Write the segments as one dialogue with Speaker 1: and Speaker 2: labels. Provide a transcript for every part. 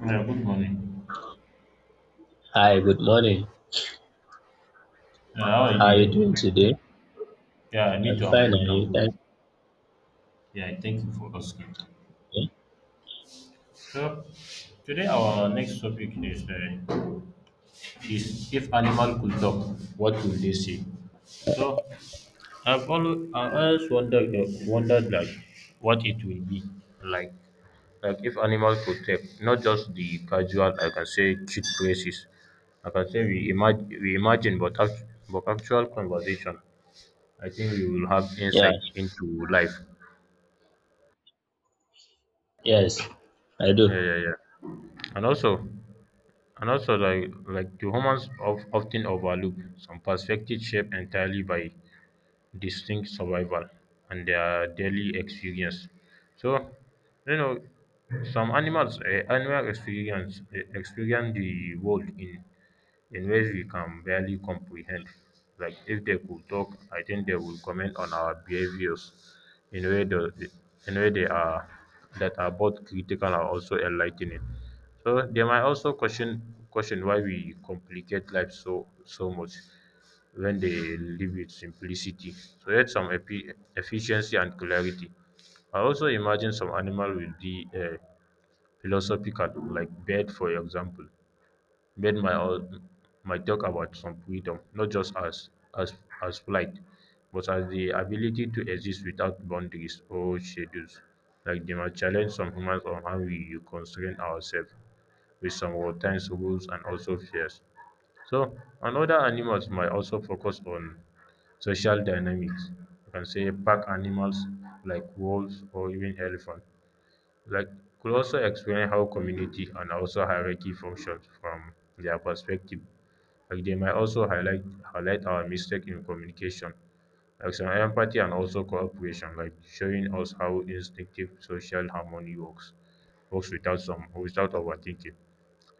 Speaker 1: Yeah, good morning.
Speaker 2: Hi, good morning.
Speaker 1: How are
Speaker 2: How
Speaker 1: you
Speaker 2: are you doing
Speaker 1: doing?
Speaker 2: today?
Speaker 1: Yeah, me
Speaker 2: I'm
Speaker 1: too. I'm
Speaker 2: fine,
Speaker 1: good.
Speaker 2: are
Speaker 1: I'm
Speaker 2: you?
Speaker 1: good.
Speaker 2: Thank
Speaker 1: Yeah, thank you for asking.
Speaker 2: you.
Speaker 1: So, today our next topic is if animal could talk, what would they say? So, I always wondered like what it will be like like if animal could talk, not just the casual. I can say cute phrases. I can say we imagine, but but actual conversation. I think we will have
Speaker 2: Yeah,
Speaker 1: insight into life.
Speaker 2: yes, I do.
Speaker 1: Yeah, yeah, yeah. And also, and also, like the humans of often overlook some perspective shaped entirely by distinct survival and their daily experience. So, you know, some animal experience the world in ways we can barely comprehend. Like if they could talk, I think they would comment on our behaviors in way the in way they are that are both critical and also enlightening. So they might also question why we complicate life so much when they live with simplicity, create some efficiency and clarity. I also imagine some animal will be philosophical, like bird, for example. Bird might talk about some freedom, not just as as as flight, but as the ability to exist without boundaries or schedules. Like they might challenge some humans on how we constrain ourselves with some times rules and also fears. So, another animals might also focus on social dynamics. You can say pack animals like wolves or even elephant like could also explain how community and also hierarchy functions from their perspective. Like they might also highlight our mistake in communication, like some empathy and also cooperation, like showing us how instinctive social harmony works without some without overthinking.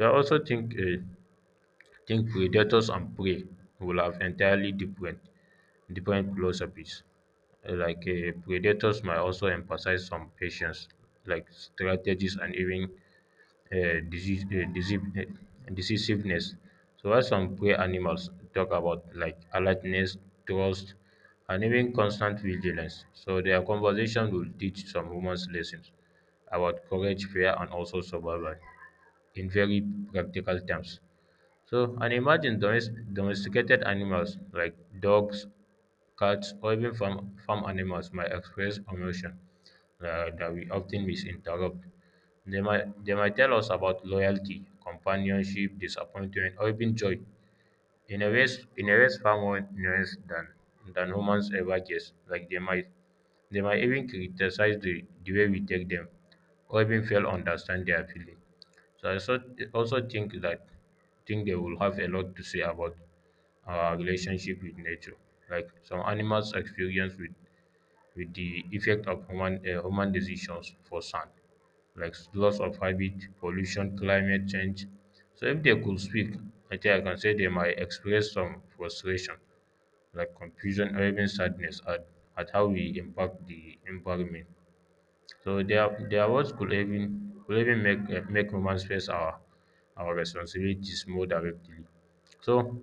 Speaker 1: I also think predators and prey will have entirely different philosophies. Like predators might also emphasize some patience like strategies and even uh, disease, uh, disease, uh, decisiveness, so while some prey animals talk about like alertness, trust, and even constant vigilance. So their conversation will teach some humans lessons about courage, fear, and also survival in very practical terms. So, and imagine domesticated animals like dogs, cats, or even farm animals might express emotion that we often misinterpret. They might tell us about loyalty, companionship, disappointment, or even joy. In a ways far more nuanced than humans ever guess. Like they might even criticize the way we take them or even fail to understand their feeling. So I also think they will have a lot to say about our relationship with nature. Like some animals experience with the effect of human decisions for sand, like loss of habit, pollution, climate change. So if they could speak, I think I can say they might express some frustration, like confusion or even sadness at how we impact the environment. So their words could even make humans face our responsibilities more directly. So,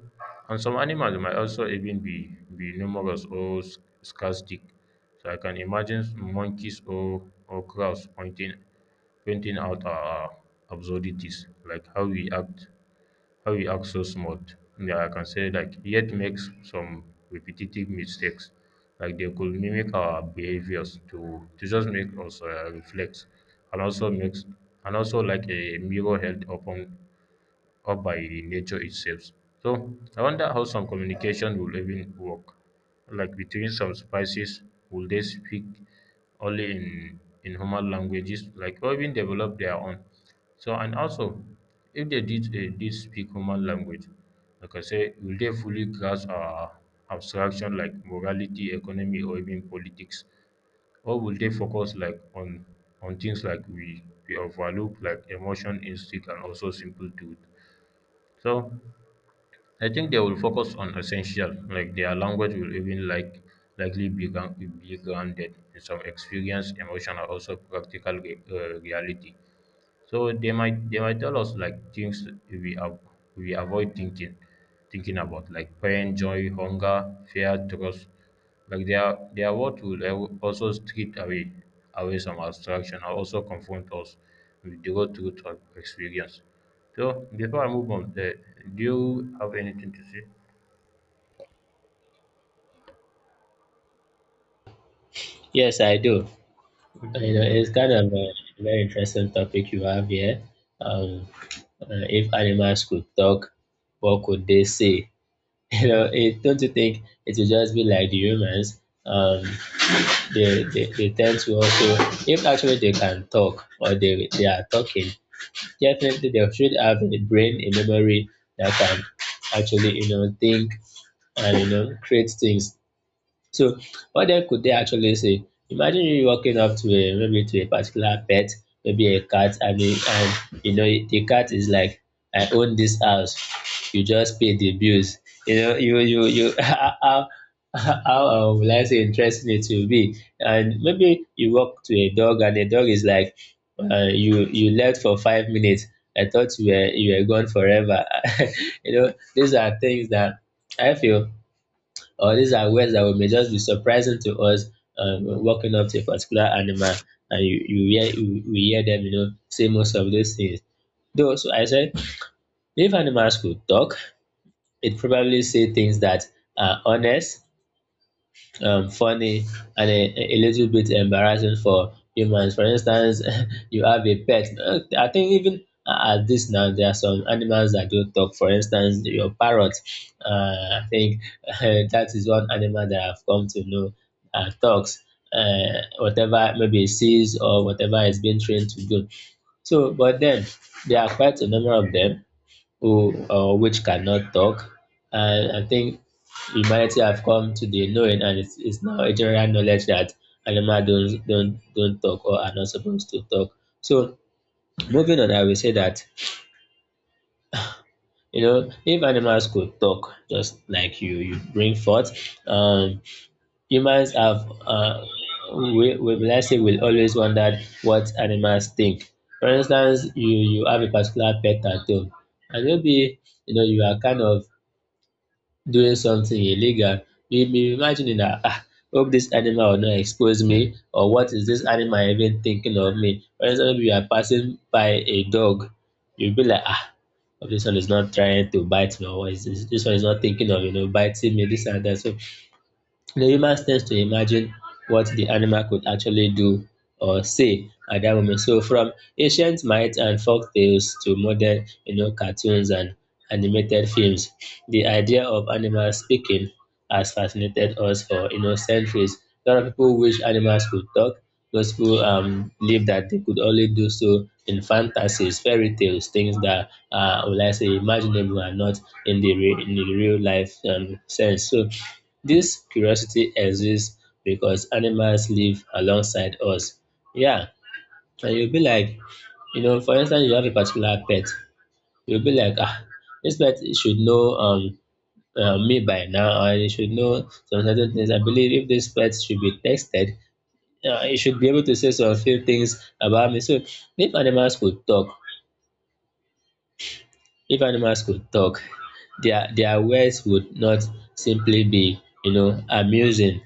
Speaker 1: and some animals might also even be numerous or scarcity. So I can imagine monkeys or crows pointing out our absurdities, like how you act so smart. Yeah, I can say, like, yet makes some repetitive mistakes. Like they could mimic our behaviors to just make us reflect and also makes, and also like a mirror held open or by nature itself. So I wonder how some communication will even work. Like between some species, will they speak only in human languages, like, or even develop their own? So and also, if they did speak human language, like I say, will they fully grasp our abstraction like morality, economy, or even politics? Or will they focus like on things like we overlook, like emotion, instinct, and also simple truth? So I think they will focus on essential, like their language will even likely be, be grounded in some experience, emotion, or also practical reality. So they might tell us like things we avoid thinking about, like pain, joy, hunger, fear, trust. Like they are what will also strip away some abstraction and also confront us with the raw truth of experience. So before I move on, do you have anything to say?
Speaker 2: Yes, I do. You know, it's kind of a very interesting topic you have here. Um, if animals could talk, what could they say? You know, it, don't you think it will just be like the humans? They tend to also, if actually they can talk or they are talking, definitely they should have a brain, a memory that can actually, you know, think and you know create things. So what then could they actually say? Imagine you walking up to a maybe to a particular pet, maybe a cat, I mean, and you know the cat is like, I own this house. You just pay the bills. You know, you how will I say interesting it will be. And maybe you walk to a dog and the dog is like you left for 5 minutes. I thought you were gone forever. You know, these are things that I feel or these are words that will may just be surprising to us walking up to a particular animal and we hear them you know say most of those things though so I said if animals could talk it probably say things that are honest, funny and a little bit embarrassing for humans. For instance, you have a pet. I think even at this now, there are some animals that don't talk. For instance, your parrot. I think that is one animal that I've come to know talks. Whatever maybe it sees or whatever it's being trained to do. So, but then there are quite a number of them who which cannot talk. And I think humanity have come to the knowing, and it's now a general knowledge that animals don't talk or are not supposed to talk. So moving on, I will say that you know if animals could talk, just like you bring forth, um, humans have we let's say will always wonder what animals think. For instance, you have a particular pet at home, and maybe you know you are kind of doing something illegal, you'll be imagining that, ah, hope this animal will not expose me, or what is this animal even thinking of me? For example, you are passing by a dog, you'll be like, ah, hope this one is not trying to bite me, or is this one is not thinking of, you know, biting me, this and that. So the human tends to imagine what the animal could actually do or say at that moment. So from ancient myths and folk tales to modern, you know, cartoons and animated films, the idea of animals speaking has fascinated us for you know centuries. A lot of people wish animals could talk. Those who believe that they could only do so in fantasies, fairy tales, things that are, will I say, imaginable and not in in the real life sense. So this curiosity exists because animals live alongside us. Yeah, and you'll be like, you know, for instance, you have a particular pet. You'll be like, ah, this pet should know me by now, or it should know some certain things. I believe if this pet should be tested, it should be able to say some few things about me. So, if animals could talk, if animals could talk, their words would not simply be, you know, amusing.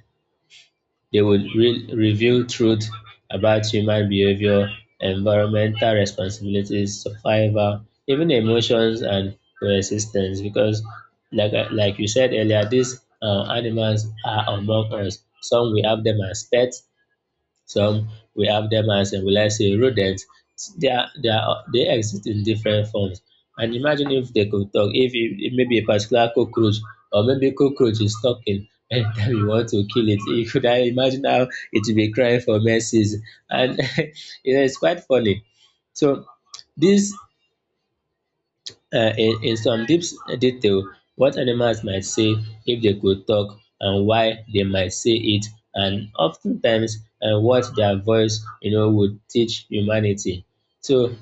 Speaker 2: They would reveal truth about human behavior, environmental responsibilities, survival, even emotions and resistance. Because, like you said earlier, these animals are among us. Some we have them as pets, some we have them as, will I say, rodents. They exist in different forms. And imagine if they could talk, if maybe a particular cockroach or maybe cockroach is talking anytime you want to kill it, you could I imagine how it will be crying for mercies. And you know, it's quite funny. So this in some deeps detail what animals might say if they could talk and why they might say it and oftentimes times what their voice you know would teach humanity. So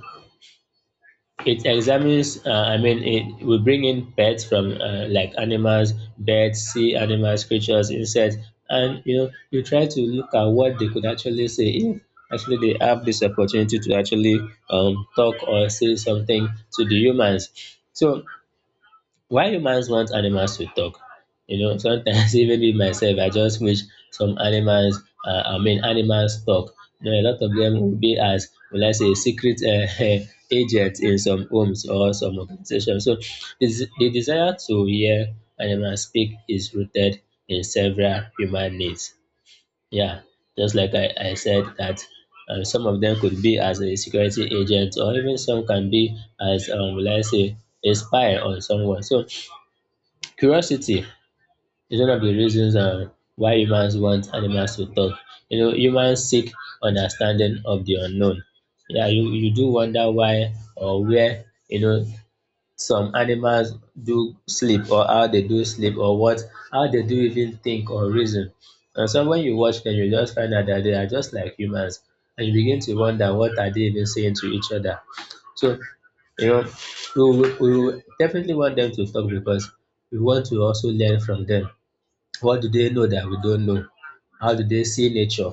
Speaker 2: it examines I mean it we bring in pets from like animals, birds, sea animals, creatures, insects and you know you try to look at what they could actually say if actually they have this opportunity to actually talk or say something to the humans. So why humans want animals to talk? You know, sometimes even me myself, I just wish some animals, I mean, animals talk. You know, a lot of them will be as, will I say, secret agents in some homes or some organizations. So this, the desire to hear animals speak is rooted in several human needs. Yeah, just like I said that some of them could be as a security agent or even some can be as, will I say, a spy on someone. So curiosity is one of the reasons why humans want animals to talk. You know, humans seek understanding of the unknown. Yeah, you do wonder why or where, you know, some animals do sleep or how they do sleep or what, how they do even think or reason. And so when you watch them, you just find out that they are just like humans and you begin to wonder what are they even saying to each other. So, you know, we will definitely want them to talk because we want to also learn from them. What do they know that we don't know? How do they see nature?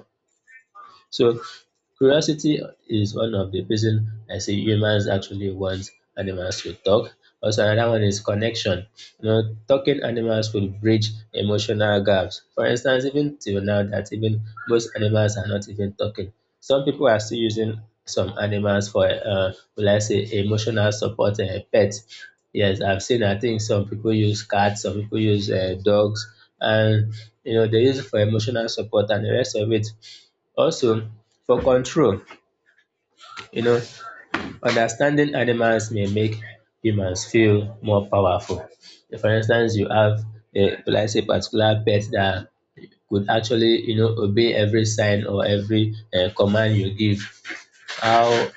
Speaker 2: So curiosity is one of the reason I say humans actually want animals to talk. Also, another one is connection. You know, talking animals will bridge emotional gaps. For instance, even till now, that even most animals are not even talking. Some people are still using some animals for, will I say, emotional support and pets. Yes, I've seen. I think some people use cats, some people use dogs, and you know they use it for emotional support, and the rest of it also, for control, you know, understanding animals may make humans feel more powerful. For instance, you have a like say particular pet that could actually, you know, obey every sign or every command you give. How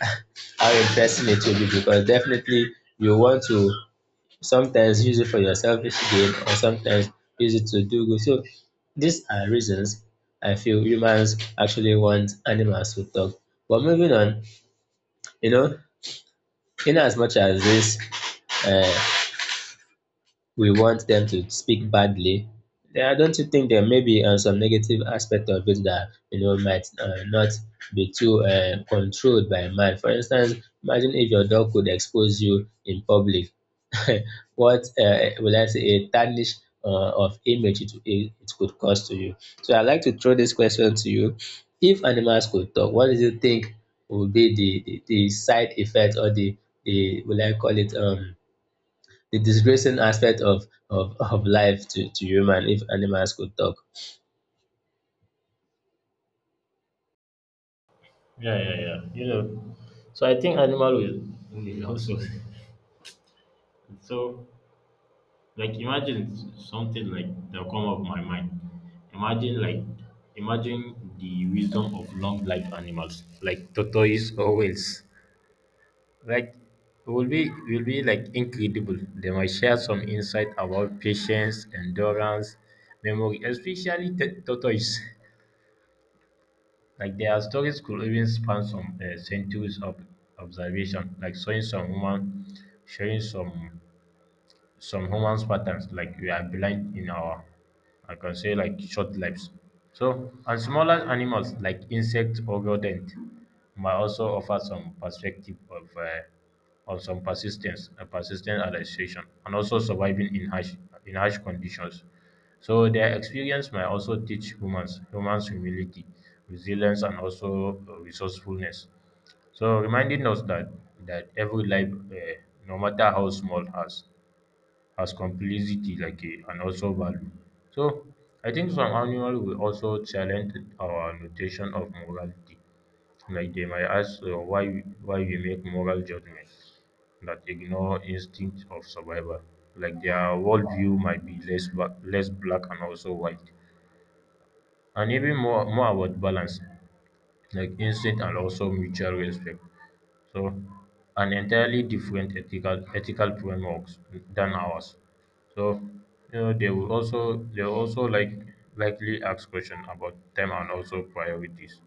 Speaker 2: how interesting it will be because definitely you want to sometimes use it for your selfish gain or sometimes use it to do good. So these are reasons I feel humans actually want animals to talk. But moving on, you know, in as much as this uh, we want them to speak badly, yeah, don't you think there may be some negative aspect of it that you know might not be too controlled by man? For instance, imagine if your dog could expose you in public. What will I say a tarnish of image it could cause to you? So I'd like to throw this question to you: if animals could talk, what do you think would be the side effect or the will I call it the disgracing aspect of life to human if animals could talk.
Speaker 1: Yeah, yeah, yeah. You know, so I think animal will also. So. Like imagine something like that come up my mind. Imagine like imagine the wisdom of long life animals like tortoise or whales. Like it will be like incredible. They might share some insight about patience, endurance, memory, especially tortoise. Like their stories could even span some centuries of observation, like showing some humans patterns like we are blind in our, I can say, like, short lives. So and smaller animals like insects or rodent might also offer some perspective of some persistence a persistent adaptation and also surviving in harsh conditions. So their experience might also teach humans humility, resilience, and also resourcefulness, so reminding us that every life, no matter how small, has as complicity and also value. So I think some animal will also challenge our notation of morality. Like they might ask, why we make moral judgments that ignore instinct of survival. Like their worldview might be less black and also white, and even more about balance, like instinct and also mutual respect. So, an entirely different ethical frameworks than ours. So, they will also likely ask questions about time and also priorities.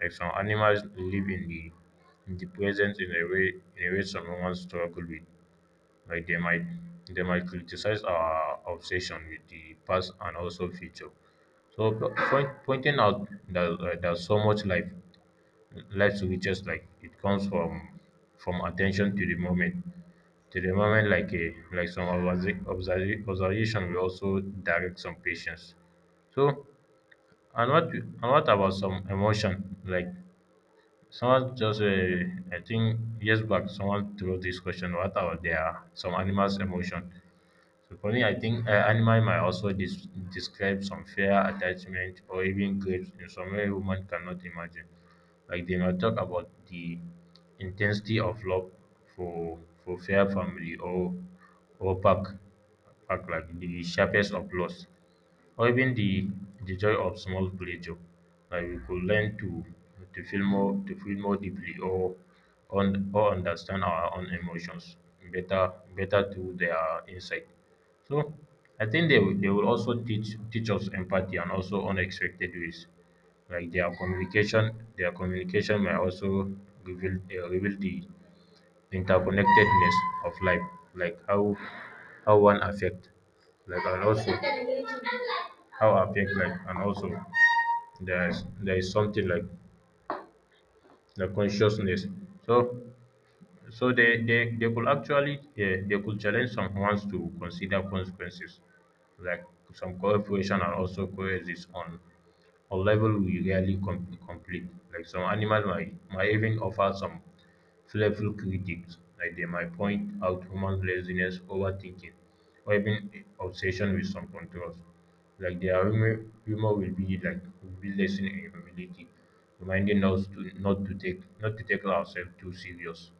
Speaker 1: Like some animals live in the present in a way some humans struggle with. Like they might criticize our obsession with the past and also future. So pointing out that, there's so much life light switches, like it comes from attention to the moment, like some observation will also direct some patients. So and what and what about some emotion? Like someone just I think years back someone threw this question, what about their some animals emotion? So for me, I think animal might also describe some fear, attachment, or even grief in some way women cannot imagine. Like they might talk about the intensity of love for fair family or pack, pack, like the sharpest of loss, or even the joy of small pleasure, like we could learn to feel more, to feel more deeply, or or understand our own emotions better through their insight. So I think they will also teach us empathy and also unexpected ways. Like their communication may also reveal the interconnectedness of life, like how one affect like and also how affect like and also, there is something like the consciousness. So they could challenge someone to consider consequences, like some cooperation and also coexist on a level we rarely complete. Like some animals might even offer some playful critics, like they might point out human laziness, overthinking, or even obsession with some controls. Like their humor will be lesson in humility, reminding us to not to take ourselves too serious.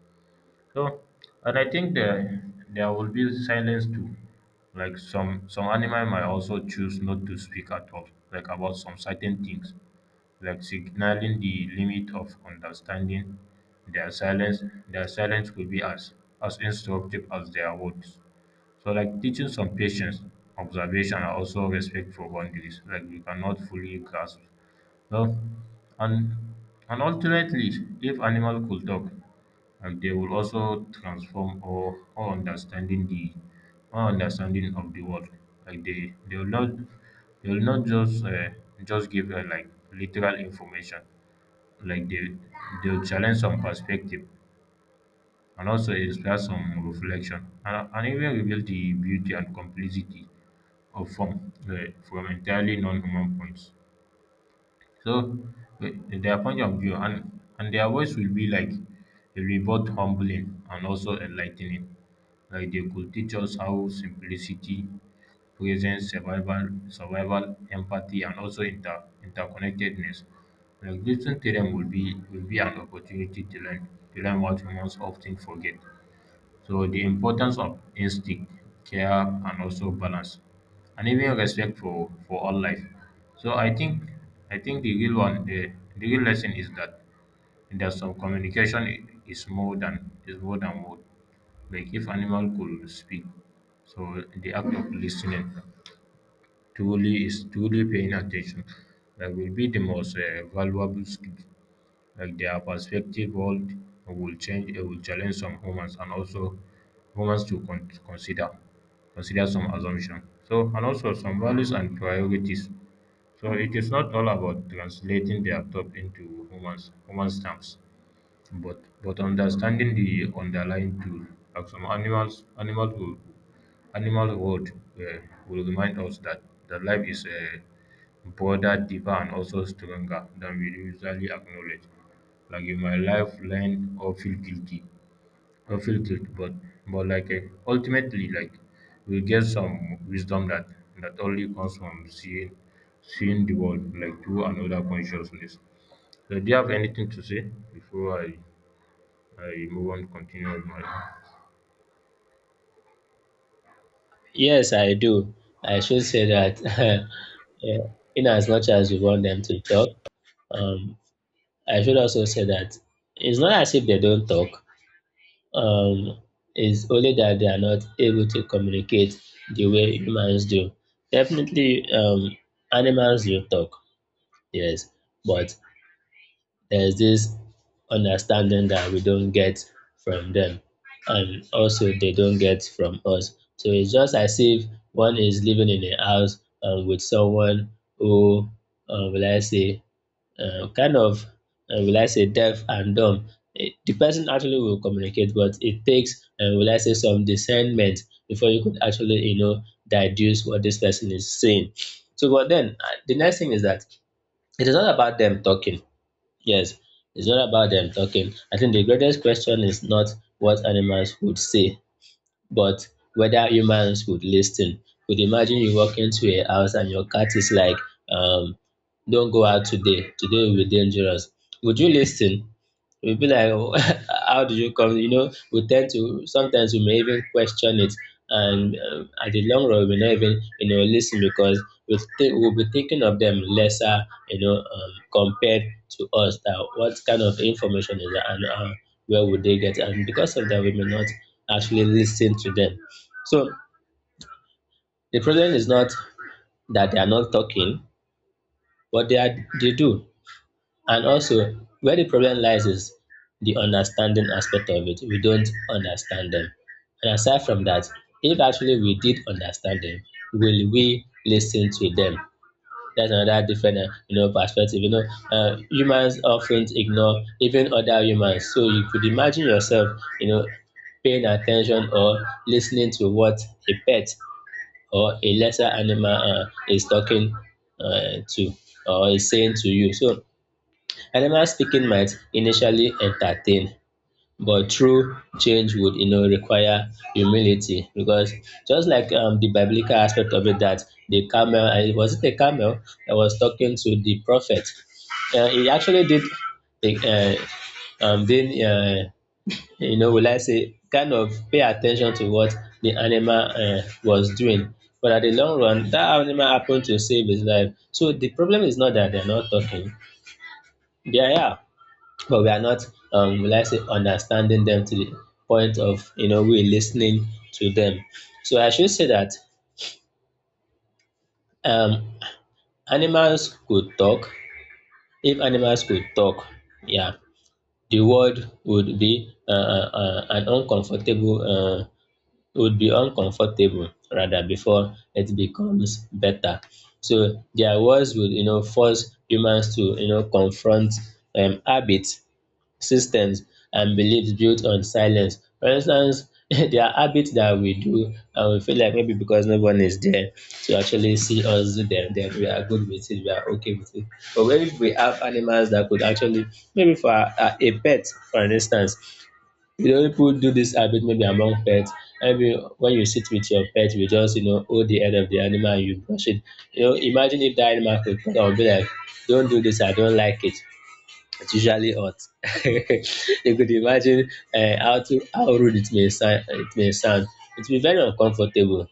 Speaker 1: So, and I think there will be silence too. Like some animal might also choose not to speak at all, like about some certain things, like signaling the limit of understanding. Their silence will be as instructive as their words. So like teaching some patience, observation, and also respect for boundaries. Like you cannot fully grasp. So, and and ultimately, if animal could talk, and they will also transform our understanding of the world. Like they will not just just give like literal information. Like they'll challenge some perspective and also inspire some reflection and even reveal the beauty and complexity of form from entirely non-human points. So their point of view and their voice will be like a both humbling and also enlightening. Like they could teach us how simplicity, presence, survival, empathy, and also interconnectedness. Like listening to them will be an opportunity to learn what humans often forget. So the importance of instinct, care, and also balance, and even respect for all life. So I think the real one, the real lesson is that some communication is more than word. Like if animal could speak, so the act of listening truly is truly paying attention. That will be the most valuable skill like their perspective world will change, it will challenge some humans and also humans to consider consider some assumption, so and also some values and priorities. So it is not all about translating their thought into humans human terms, but understanding the underlying tool. Like some animals will animal world uh, will remind us that the life is broader, deeper, and also stronger than we usually acknowledge. Like you might life learn or feel guilty or feel guilt, but but like uh, ultimately, like we get some wisdom that that only comes from seeing the world like through another consciousness. So, do you have anything to say before I move on continue with my?
Speaker 2: Yes, I do. I should say that yeah, in as much as we want them to talk, um, I should also say that it's not as if they don't talk. Um, it's only that they are not able to communicate the way humans do. Definitely, animals do talk. Yes, but there's this understanding that we don't get from them and also they don't get from us. So it's just as if one is living in a house with someone who, will I say, kind of, will I say, deaf and dumb. It- the person actually will communicate, but it takes, will I say, some discernment before you could actually, you know, deduce what this person is saying. So, but then the next thing is that it is not about them talking. Yes, it's not about them talking. I think the greatest question is not what animals would say, but whether humans would listen. Could imagine you walk into a house and your cat is like, um, don't go out today. Today will be dangerous. Would you listen? We'll be like, "Oh, how do you come? You know, we tend to sometimes we may even question it, and at the long run, we may not even listen because we think we'll be thinking of them lesser, compared to us. That what kind of information is that, and where would they get? And because of that, we may not actually listen to them. So the problem is not that they are not talking, but they do. And also, where the problem lies is the understanding aspect of it. We don't understand them. And aside from that, if actually we did understand them, will we listen to them? That's another different perspective. Humans often ignore even other humans. So you could imagine yourself, paying attention or listening to what a pet or a lesser animal is talking to or is saying to you. So animal speaking might initially entertain, but true change would, require humility because just like the biblical aspect of it, that the camel, was it a camel that was talking to the prophet? He actually did, uh, um, then, uh, will I say, kind of pay attention to what the animal was doing. But at the long run, that animal happened to save his life. So the problem is not that they're not talking, they are. Here, but we are not, let's say, understanding them to the point of, we're listening to them. So I should say that, um animals could talk. If animals could talk, yeah, the world would be an uncomfortable would be uncomfortable rather before it becomes better. So their words would, force humans to, confront habits, systems, and beliefs built on silence. For instance, there are habits that we do and we feel like maybe because no one is there to actually see us do them, then we are good with it, we are okay with it. But maybe we have animals that could actually, maybe for a pet, for instance, you know, people do this habit maybe among pets. Maybe when you sit with your pet, you just, you know, hold the head of the animal and you brush it. You know, imagine if that animal could come and be like, don't do this, I don't like it. It's usually hot. You could imagine how to, how rude it may sound. It may sound. It will be very uncomfortable,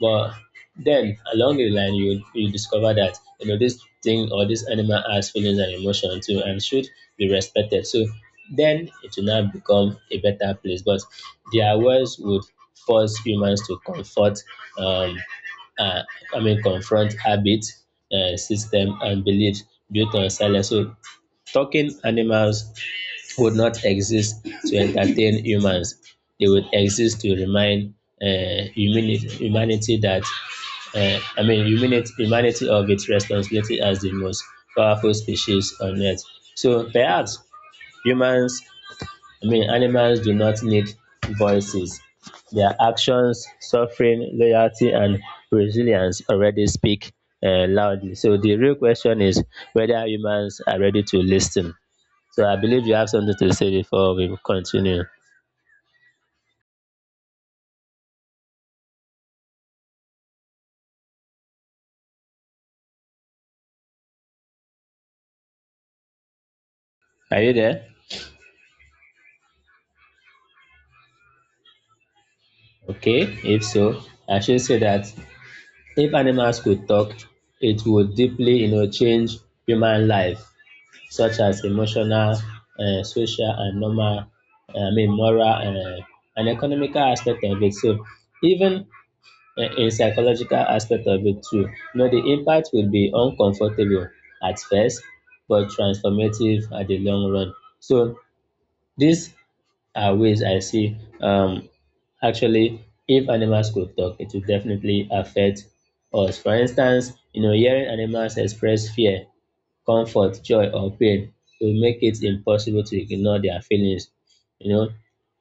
Speaker 2: but then along the line you discover that you know this thing or this animal has feelings and emotion too and should be respected. So then it will now become a better place. But their words would force humans to comfort, um, uh, I mean, confront habits, system, and beliefs built on silence. So talking animals would not exist to entertain humans. They would exist to remind uh, humanity, humanity that, I mean, humanity of its responsibility as the most powerful species on earth. So perhaps humans, I mean, animals do not need voices. Their actions, suffering, loyalty, and resilience already speak loudly. So the real question is whether humans are ready to listen. So I believe you have something to say before we continue. Are you there? Okay, if so, I should say that if animals could talk, it would deeply, you know, change human life, such as emotional, social, and I mean, moral and economical aspect of it. So even in psychological aspect of it too, you know, the impact will be uncomfortable at first, but transformative at the long run. So this are ways I see. Actually, if animals could talk, it would definitely affect us. For instance, you know, hearing animals express fear, comfort, joy, or pain will make it impossible to ignore their feelings. You know,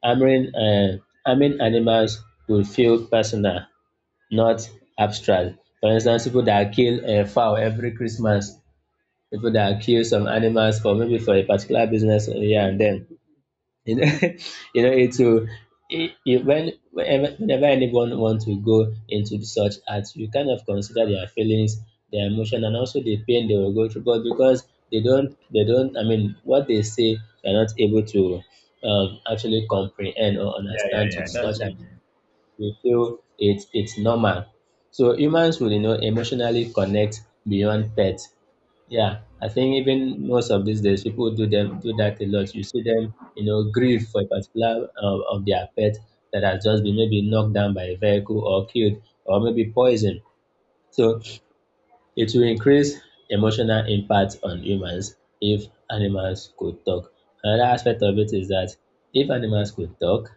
Speaker 2: harming, uh, harming animals will feel personal, not abstract. For instance, people that kill a fowl every Christmas, people that kill some animals for maybe for a particular business here and then you know, you know it will when whenever anyone wants to go into such acts, you kind of consider their feelings, their emotion, and also the pain they will go through. But because they don't I mean what they say, they're not able to, actually comprehend or
Speaker 1: Yeah, yeah,
Speaker 2: understand to
Speaker 1: yeah. That's
Speaker 2: such
Speaker 1: it.
Speaker 2: and they feel it's normal. So humans will, you know, emotionally connect beyond pets. Yeah, I think even most of these days, people do that a lot. You see them, you know, grieve for a particular of their pet that has just been maybe knocked down by a vehicle or killed or maybe poisoned. So it will increase emotional impact on humans if animals could talk. Another aspect of it is that if animals could talk,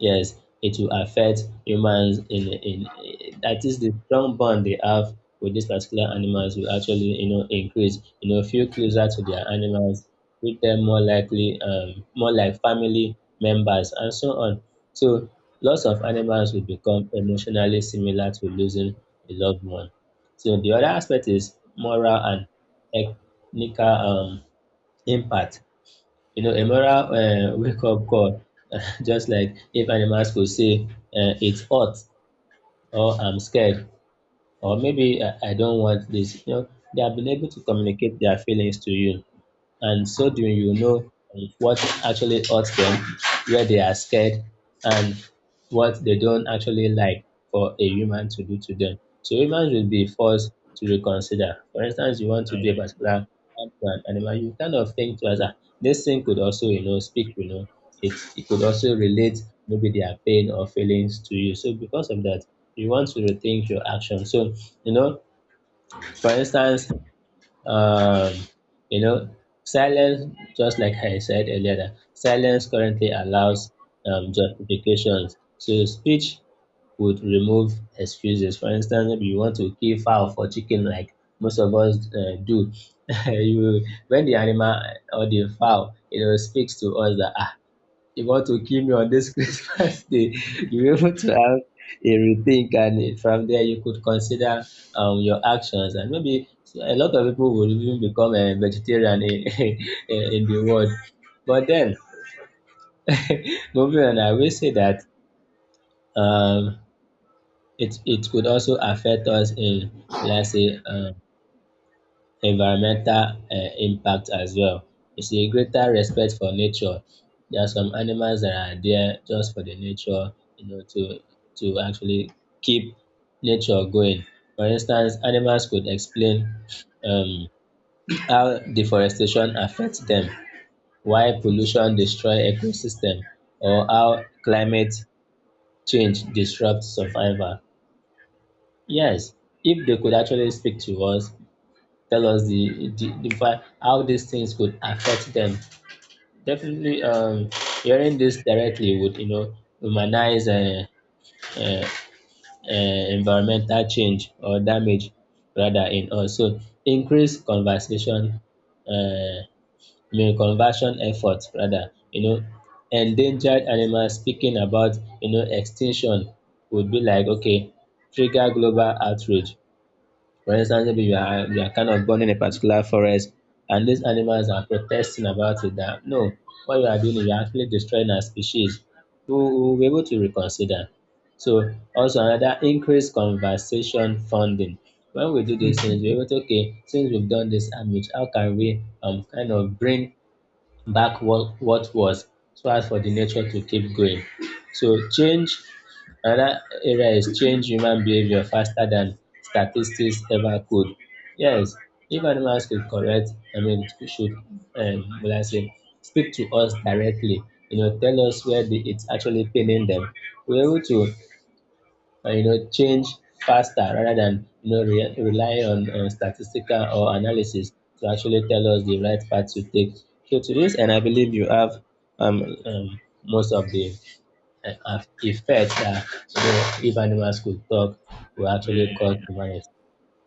Speaker 2: yes, it will affect humans in that is, the strong bond they have with these particular animals will actually, you know, increase. You know, feel closer to their animals, treat them more likely, more like family members, and so on. So, loss of animals will become emotionally similar to losing a loved one. So the other aspect is moral and ethnical impact. You know, a moral wake up call, just like if animals could say, it's hot, or I'm scared, or maybe I don't want this, you know, they have been able to communicate their feelings to you. And so doing, you know, what actually hurts them, where they are scared, and what they don't actually like for a human to do to them. So humans will be forced to reconsider. For instance, you want to do a
Speaker 1: Uh,
Speaker 2: particular act to an animal, you kind of think to us, ah, this thing could also, you know, speak, you know, it could also relate maybe their pain or feelings to you. So because of that, you want to rethink your action. So, you know, for instance, um, you know, silence, just like I said earlier, that silence currently allows justifications. So speech would remove excuses. For instance, maybe you want to kill fowl for chicken, like most of us do. You, when the animal or the fowl, you know, speaks to us that ah, you want to kill me on this Christmas day, you're able to have a rethink, and from there you could consider your actions. And maybe a lot of people would even become a vegetarian in, in the world. But then, moving on, I will say that, um, it, it could also affect us in, let's say, environmental impact as well. It's a greater respect for nature. There are some animals that are there just for the nature, you know, to actually keep nature going. For instance, animals could explain um how deforestation affects them, why pollution destroy ecosystem, or how climate change disrupts survival. Yes, if they could actually speak to us, tell us how these things could affect them. Definitely, hearing this directly would, you know, humanize uh, environmental change or damage rather in us. So increase conversation, uh, I mean conversion efforts rather. You know, endangered animals speaking about, you know, extinction would be like, okay, trigger global outrage. For instance, maybe you are kind of born in a particular forest and these animals are protesting about it that no, what you are doing is you're actually destroying our species. We will be able to reconsider. So also another increased conversation funding. When we do these things, we're able to, okay, since we've done this outreach, how can we, kind of bring back what was, so as for the nature to keep going. So change, another area is change human behavior faster than statistics ever could. Yes, if animals could correct, I mean, it should, will I say, speak to us directly, you know, tell us where the, it's actually paining them. We're able to, you know, change faster rather than, rely on statistical or analysis to actually tell us the right path to take. So to this, and I believe you have, most of the effect that, you know, if animals could talk, will
Speaker 1: yeah,
Speaker 2: actually cause
Speaker 1: yeah.
Speaker 2: human,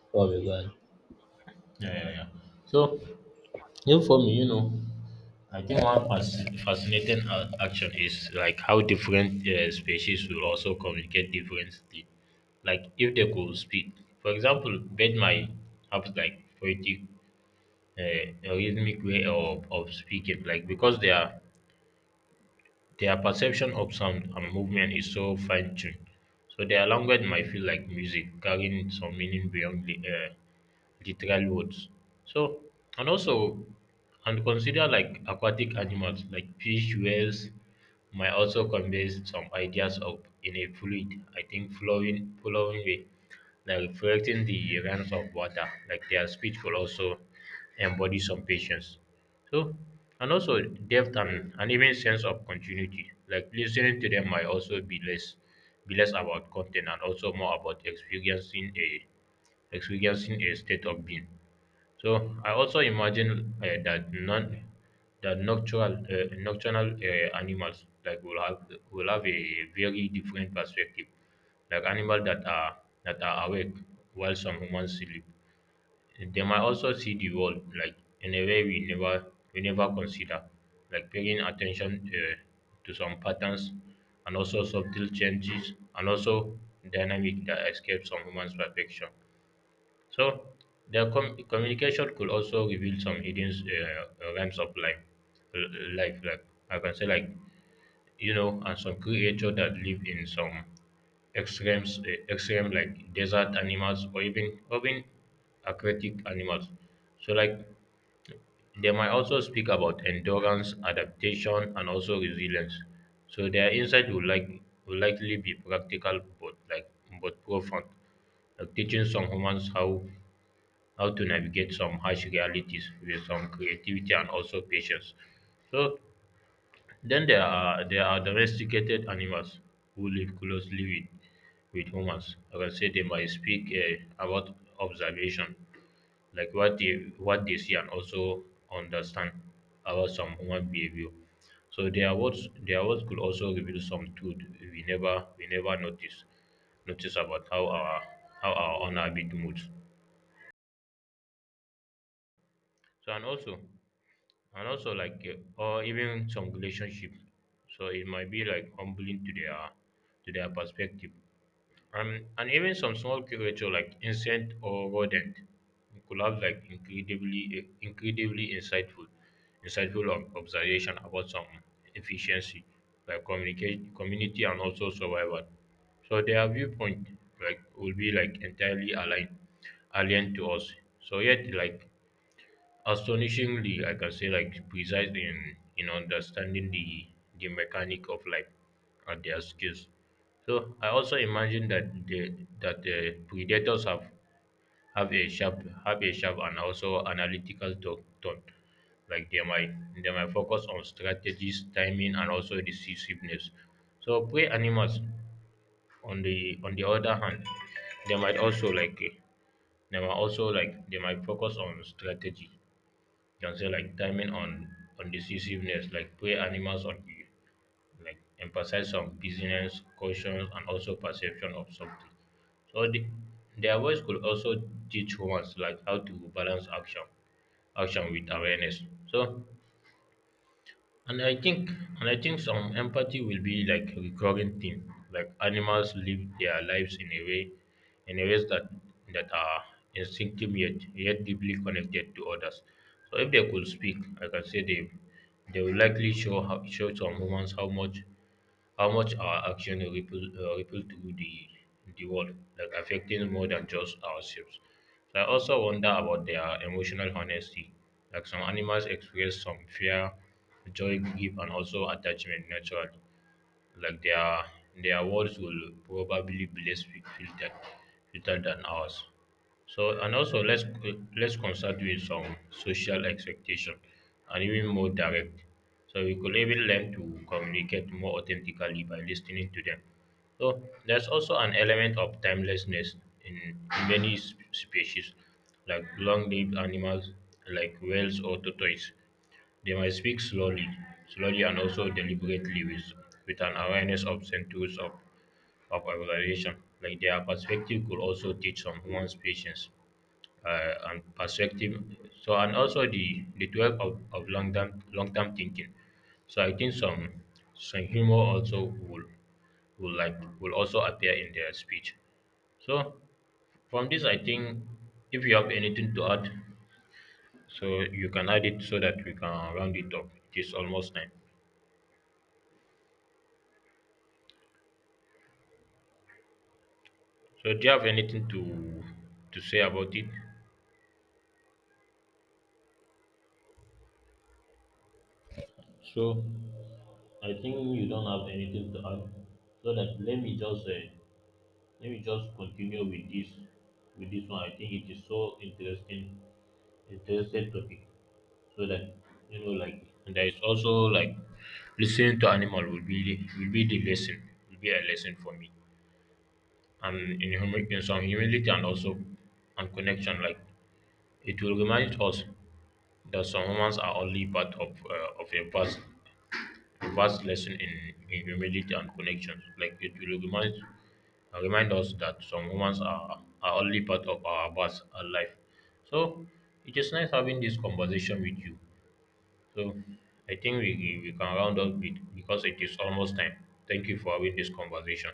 Speaker 2: before we go on.
Speaker 1: Yeah, yeah, yeah. So, even for me, you know, I think one fascinating action is like how different species will also communicate differently. Like if they could speak, for example, bird might have like poetic, a rhythmic way of speaking, like because they are their perception of sound and movement is so fine tuned, so their language might feel like music, carrying some meaning beyond the literal words. So, and also, and consider like aquatic animals like fish, whales, might also convey some ideas of in a fluid, I think flowing way, like reflecting the runs of water. Like their speech will also embody some patience. So, and also depth and even sense of continuity. Like listening to them might also be less about content and also more about experiencing a experiencing a state of being. So I also imagine that non that nocturnal animals like will have a very different perspective, like animals that are awake while some humans sleep, they might also see the world like in a way we never consider, like paying attention to some patterns and also subtle changes and also dynamic that escape some human's perfection. So their communication could also reveal some hidden realms of life, uh, life like I can say like, you know, and some creature that live in some extremes, extreme like desert animals or even aquatic animals. So like they might also speak about endurance, adaptation, and also resilience. So their insight will like will likely be practical, but like but profound, like teaching some humans how to navigate some harsh realities with some creativity and also patience. So then there are domesticated animals who live closely with humans. Like I can say they might speak about observation, like what they see and also understand about some human behavior. So their words could also reveal some truth we never notice notice about how our own habit moods. So and also like or even some relationship, so it might be like humbling to their perspective. And even some small creature like insect or rodent could have like incredibly insightful insightful observation about some efficiency, like communicate community and also survival. So their viewpoint like will be like entirely aligned alien to us, so yet like astonishingly, I can say like precise in understanding the mechanic of life and their skills. So I also imagine that the predators have a sharp and also analytical tone. Like they might focus on strategies, timing, and also decisiveness. So prey animals on the other hand, they might also like they might also like they might focus on strategy, you can say like timing on decisiveness, like prey animals on you, like emphasize on business, caution, and also perception of something. So the, their voice could also teach humans like how to balance action with awareness. So and I think and I think some empathy will be like a recurring theme. Like animals live their lives in a way in a ways that that are instinctive, yet deeply connected to others. So if they could speak, like I can say they will likely show some humans how much our action ripple ripple through the world, like affecting more than just ourselves. So I also wonder about their emotional honesty. Like some animals express some fear, joy, grief, and also attachment naturally. Like their words will probably be less filtered filtered than ours. So and also let's consult with some social expectation and even more direct. So we could even learn to communicate more authentically by listening to them. So there's also an element of timelessness in many species, like long-lived animals like whales or tortoises. They might speak slowly and also deliberately with an awareness of centuries of evaluation. Like their perspective could also teach some someone's patience and perspective. So and also the 12 of long term thinking. So I think some humor also will will also appear in their speech. So from this, I think if you have anything to add, so you can add it so that we can round it up. It is almost time. So do you have anything to say about it? So I think you don't have anything to add. So that let me just let me just continue with this one. I think it is so interesting topic. So that, you know, like there is also like listening to animal will be the lesson, will be a lesson for me. And in human in some humility and also and connection, like it will remind us that some humans are only part of a vast lesson in humility and connection. Like it will remind remind us that some humans are only part of our past and life. So it is nice having this conversation with you. So I think we can round up it because it is almost time. Thank you for having this conversation.